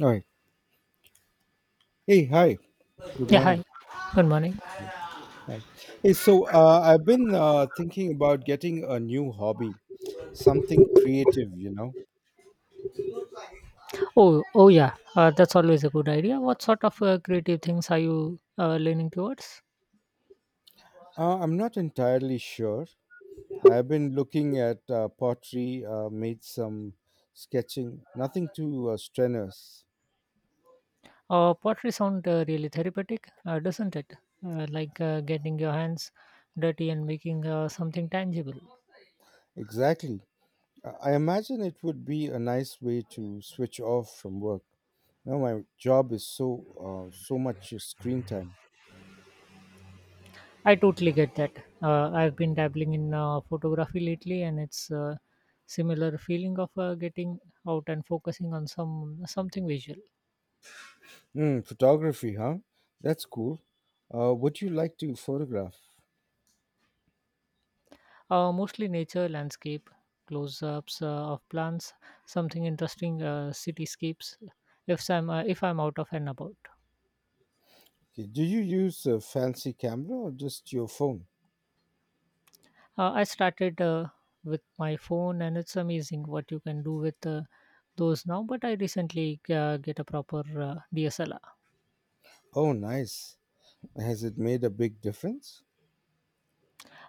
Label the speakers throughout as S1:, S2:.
S1: All right. Hey, hi. Good
S2: Yeah,
S1: morning.
S2: hi. Good morning.
S1: Hi. Hey, so I've been thinking about getting a new hobby, something creative,
S2: Oh, oh yeah. That's always a good idea. What sort of creative things are you leaning towards?
S1: I'm not entirely sure. I've been looking at pottery, made some sketching, nothing too strenuous.
S2: Pottery sound really therapeutic, doesn't it? Like getting your hands dirty and making something tangible.
S1: Exactly. I imagine it would be a nice way to switch off from work. Now my job is so much screen time.
S2: I totally get that. I've been dabbling in photography lately, and it's similar feeling of getting out and focusing on something visual.
S1: Mm, photography, huh? That's cool. What do you like to photograph?
S2: Mostly nature, landscape, close ups of plants, something interesting, cityscapes. If I'm out of and about.
S1: Okay, do you use a fancy camera or just your phone?
S2: I started with my phone, and it's amazing what you can do with those now. But I recently get a proper DSLR.
S1: Oh, nice. Has it made a big difference?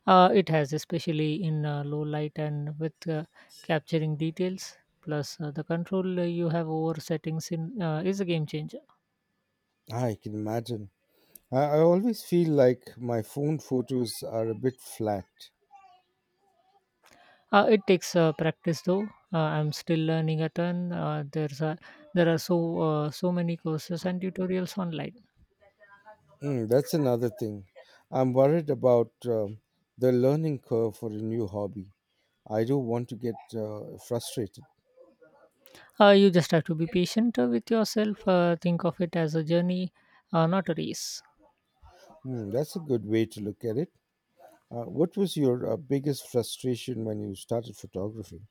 S2: It has, especially in low light and with capturing details. Plus, the control you have over settings in is a game changer.
S1: Ah, I can imagine. I always feel like my phone photos are a bit flat.
S2: It takes practice though. I'm still learning a ton. There are so many courses and tutorials online.
S1: Mm, that's another thing. I'm worried about the learning curve for a new hobby. I don't want to get frustrated.
S2: You just have to be patient with yourself. Think of it as a journey, not a race.
S1: Hmm, that's a good way to look at it. What was your biggest frustration when you started photography?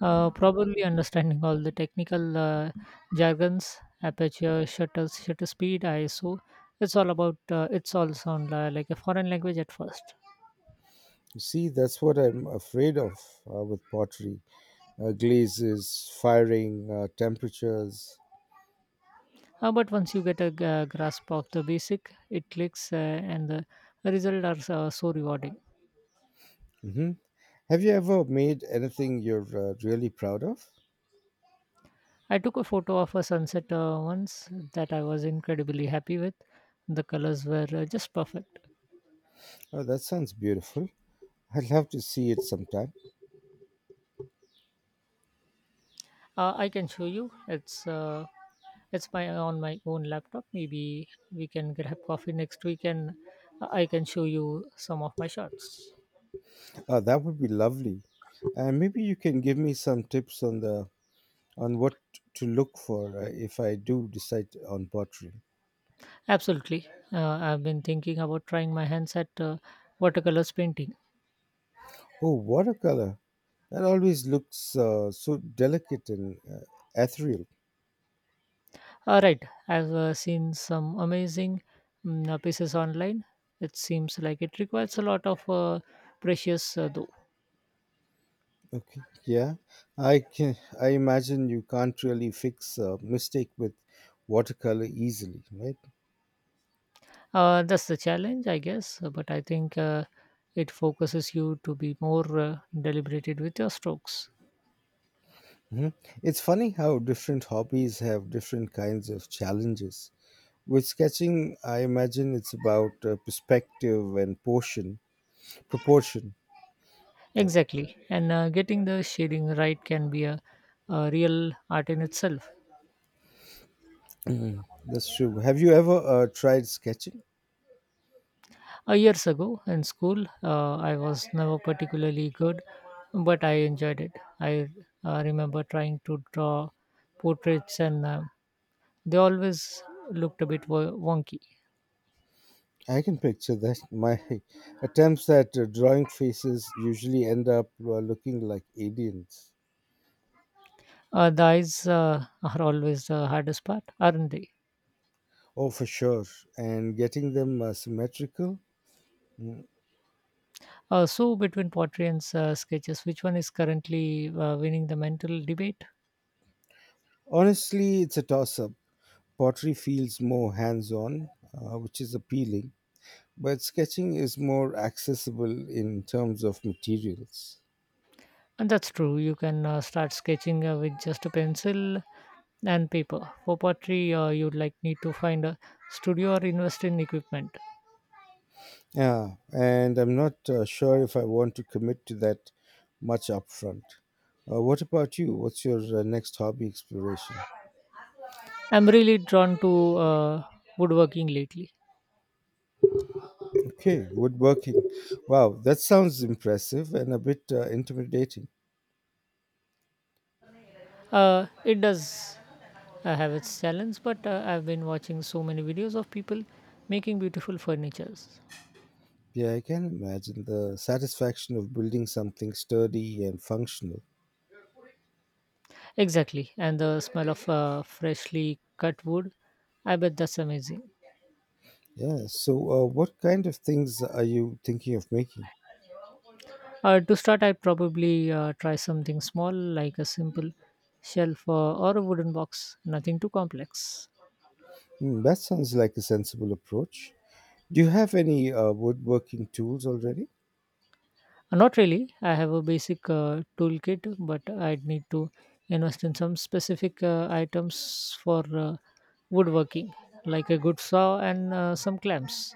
S2: Probably understanding all the technical jargons, aperture, shutter speed, ISO. It's all about. It's all sound like a foreign language at first.
S1: You see, that's what I'm afraid of with pottery glazes, firing, temperatures.
S2: But once you get a grasp of the basic, it clicks, and the results are so rewarding.
S1: Hmm. Have you ever made anything you're really proud of?
S2: I took a photo of a sunset once that I was incredibly happy with. The colors were just perfect.
S1: Oh, that sounds beautiful. I'd love to see it sometime.
S2: I can show you. It's my on my own laptop. Maybe we can grab coffee next week and I can show you some of my shots.
S1: That would be lovely. And maybe you can give me some tips on the on what to look for if I do decide on pottery.
S2: Absolutely. I've been thinking about trying my hands at watercolors painting.
S1: Oh, watercolor. That always looks so delicate and ethereal.
S2: All right. I've seen some amazing pieces online. It seems like it requires a lot of precious though.
S1: Okay, yeah, I can. I imagine you can't really fix a mistake with watercolor easily, right?
S2: That's the challenge, I guess. But I think it focuses you to be more deliberated with your strokes.
S1: Hmm. It's funny how different hobbies have different kinds of challenges. With sketching, I imagine it's about perspective and portion proportion. Sorry.
S2: Exactly. And getting the shading right can be a real art in itself.
S1: That's true. Have you ever tried sketching?
S2: Years ago in school, I was never particularly good, but I enjoyed it. I remember trying to draw portraits, and they always looked a bit wonky.
S1: I can picture that. My attempts at drawing faces usually end up looking like aliens.
S2: The eyes are always the hardest part, aren't they?
S1: Oh, for sure. And getting them symmetrical? Mm.
S2: So, between pottery and sketches, which one is currently winning the mental debate?
S1: Honestly, it's a toss up. Pottery feels more hands on, which is appealing, but sketching is more accessible in terms of materials.
S2: And that's true. You can start sketching with just a pencil and paper. For pottery, you'd like need to find a studio or invest in equipment.
S1: Yeah, and I'm not sure if I want to commit to that much upfront. What about you? What's your next hobby exploration?
S2: I'm really drawn to woodworking lately.
S1: Okay, woodworking. Wow, that sounds impressive and a bit intimidating.
S2: It does have its challenge, but I've been watching so many videos of people making beautiful furnitures.
S1: Yeah, I can imagine the satisfaction of building something sturdy and functional.
S2: Exactly, and the smell of freshly cut wood. I bet that's amazing.
S1: Yeah, so what kind of things are you thinking of making?
S2: To start, I'd probably try something small like a simple shelf or a wooden box, nothing too complex.
S1: Hmm, that sounds like a sensible approach. Do you have any woodworking tools already?
S2: Not really. I have a basic toolkit, but I'd need to invest in some specific items for woodworking, like a good saw and some clamps.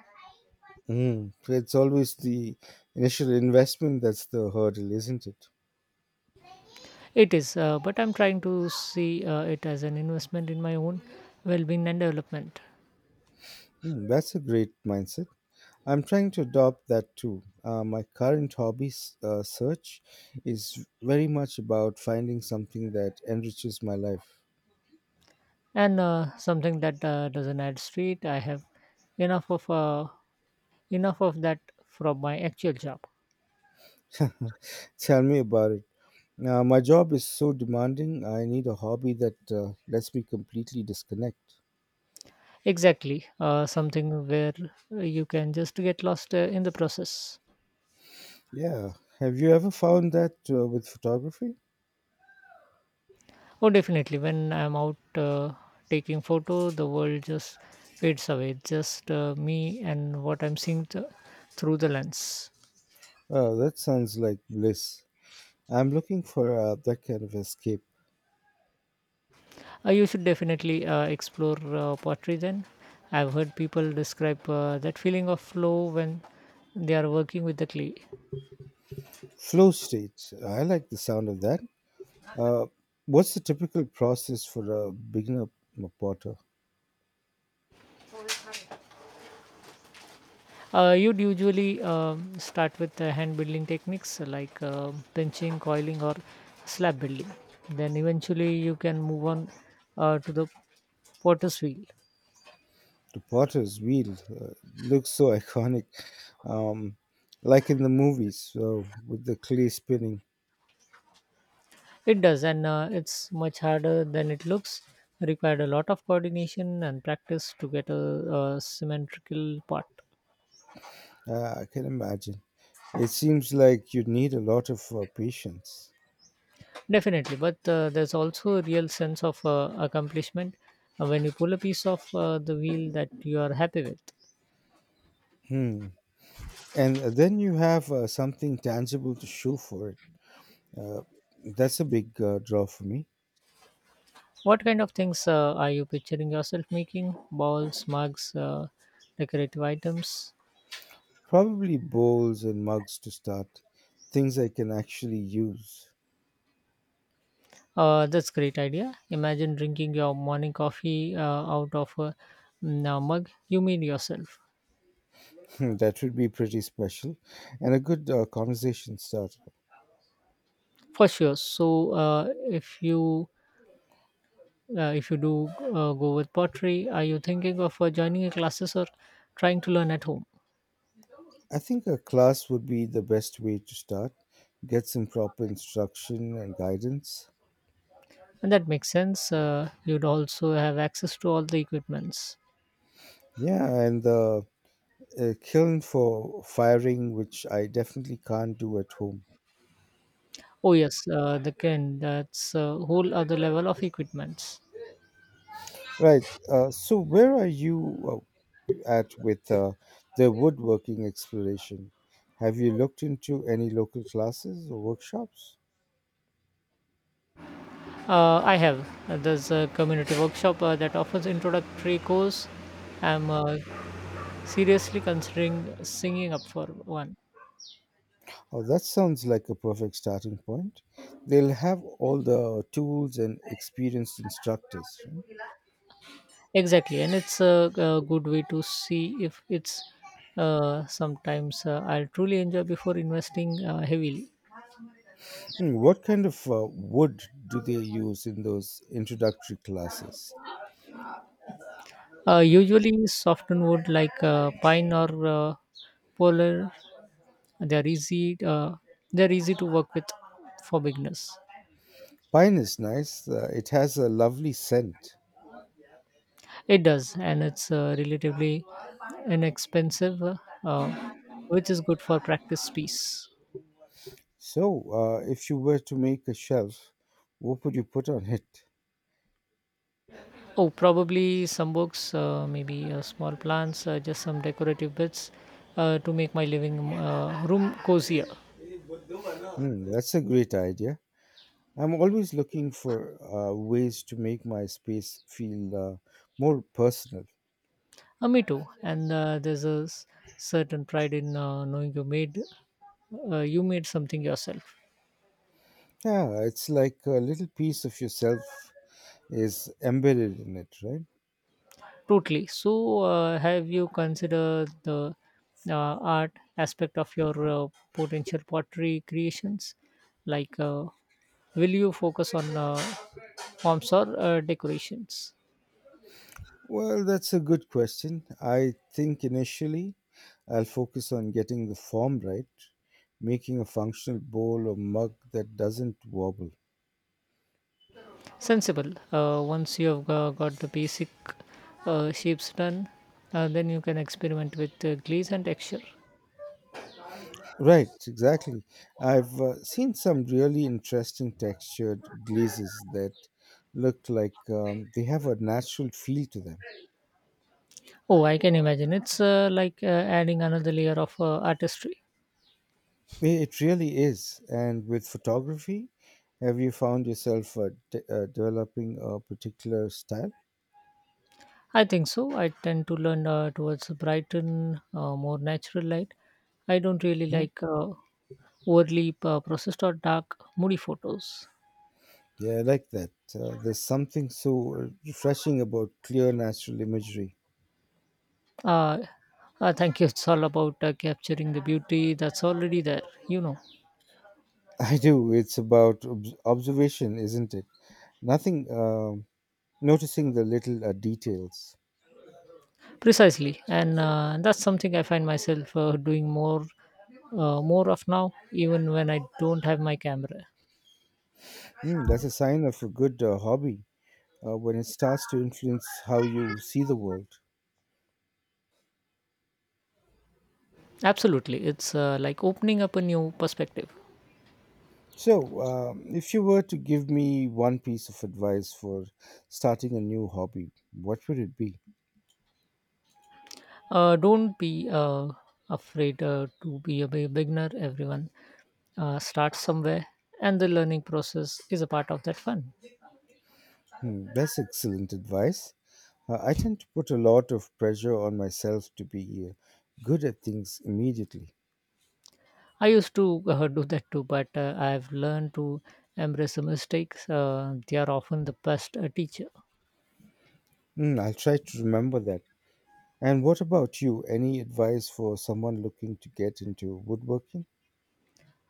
S1: Mm, it's always the initial investment that's the hurdle, isn't it?
S2: It is, but I'm trying to see it as an investment in my own well being and development.
S1: Hmm, that's a great mindset. I'm trying to adopt that too. My current hobbies search is very much about finding something that enriches my life.
S2: And something that doesn't add street. I have enough of uh, enough of that from my actual job.
S1: Tell me about it. My job is so demanding, I need a hobby that lets me completely disconnect.
S2: Exactly, something where you can just get lost in the process.
S1: Yeah, have you ever found that with photography?
S2: Oh, definitely. When I'm out taking photo, the world just fades away. It's just me and what I'm seeing through the lens.
S1: Oh, that sounds like bliss. I'm looking for that kind of escape.
S2: You should definitely explore pottery then. I've heard people describe that feeling of flow when they are working with the clay.
S1: Flow state. I like the sound of that. Uh, what's the typical process for a beginner potter?
S2: You'd usually start with hand building techniques like pinching, coiling, or slab building. Then eventually you can move on to the potter's wheel.
S1: The potter's wheel looks so iconic, um, like in the movies with the clay spinning.
S2: It does, and it's much harder than it looks. Required a lot of coordination and practice to get a symmetrical part.
S1: I can imagine. It seems like you need a lot of patience.
S2: Definitely, but there's also a real sense of accomplishment when you pull a piece of the wheel that you are happy with.
S1: Hmm. And then you have something tangible to show for it. Uh, that's a big draw for me.
S2: What kind of things are you picturing yourself making? Balls, mugs, decorative items?
S1: Probably bowls and mugs to start, things I can actually use.
S2: That's great idea. Imagine drinking your morning coffee out of a a mug you made yourself.
S1: Hmm, that would be pretty special and a good conversation starter.
S2: For sure. So, if you if you do go with pottery, are you thinking of joining a classes or trying to learn at home?
S1: I think a class would be the best way to start. Get some proper instruction and guidance.
S2: And that makes sense. You'd also have access to all the equipments.
S1: Yeah, and the kiln for firing, which I definitely can't do at home.
S2: Oh yes, the can. That's a whole other level of equipments.
S1: Right. So, where are you at with the woodworking exploration? Have you looked into any local classes or workshops?
S2: I have. There's a community workshop that offers introductory course. I'm seriously considering singing up for one.
S1: Oh, that sounds like a perfect starting point. They'll have all the tools and experienced instructors, right?
S2: Exactly, and it's a good way to see if it's sometimes I'll truly enjoy before investing heavily.
S1: Hmm, what kind of wood do they use in those introductory classes?
S2: Usually, softened wood like pine or polar. They're easy. Uh, they're easy to work with for beginners.
S1: Pine is nice, it has a lovely scent.
S2: It does, and it's relatively inexpensive, uh, which is good for practice piece.
S1: So, if you were to make a shelf, what would you put on it?
S2: Oh, probably some books, maybe small plants, just some decorative bits to make my living room cozier.
S1: Hmm, that's a great idea. I'm always looking for ways to make my space feel more personal.
S2: Me too. And there's certain pride in knowing you made something yourself.
S1: Yeah, it's like a little piece of yourself is embedded in it, right?
S2: Totally. So, have you considered the art aspect of your potential pottery creations? Like, will you focus on forms or decorations?
S1: Well, that's a good question. I think initially I'll focus on getting the form right, making a functional bowl or mug that doesn't wobble.
S2: Sensible. Once you have got the basic shapes done, then you can experiment with glaze and texture.
S1: Right, exactly. I've seen some really interesting textured glazes that look like they have a natural feel to them.
S2: Oh, I can imagine. It's like adding another layer of artistry.
S1: It really is. And with photography, have you found yourself developing a particular style?
S2: I think so. I tend to learn towards a Brighton, more natural light. I don't really
S1: Mhm.
S2: like overly processed or dark, moody photos.
S1: Yeah, I like that. There's something so refreshing about clear natural imagery.
S2: Uh, thank you. It's all about capturing the beauty that's already there, you know.
S1: I do. It's about observation, isn't it? Nothing, noticing the little details.
S2: Precisely. And that's something I find myself doing more of now, even when I don't have my camera.
S1: Mm, that's a sign of a good hobby when it starts to influence how you see the world.
S2: Absolutely. It's like opening up a new perspective.
S1: So, if you were to give me one piece of advice for starting a new hobby, what would it be?
S2: Don't be afraid to be a beginner. Everyone starts somewhere, and the learning process is a part of that fun.
S1: Hmm, that's excellent advice. I tend to put a lot of pressure on myself to be good at things immediately.
S2: I used to do that too, but I've learned to embrace the mistakes. They are often the best teacher.
S1: Hmm, I'll try to remember that. And what about you? Any advice for someone looking to get into woodworking?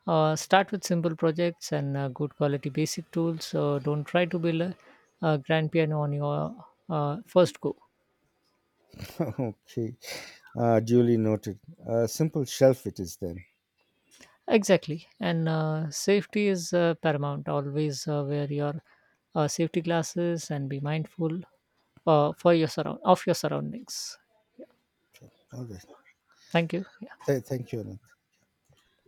S2: Start with simple projects and good quality basic tools. So don't try to build a grand piano on your first go.
S1: Okay, duly noted. Simple shelf it is then.
S2: Exactly, and safety is paramount. Always wear your safety glasses and be mindful for your surroundings.
S1: So, all right.
S2: Thank you.
S1: Thank you, Anand.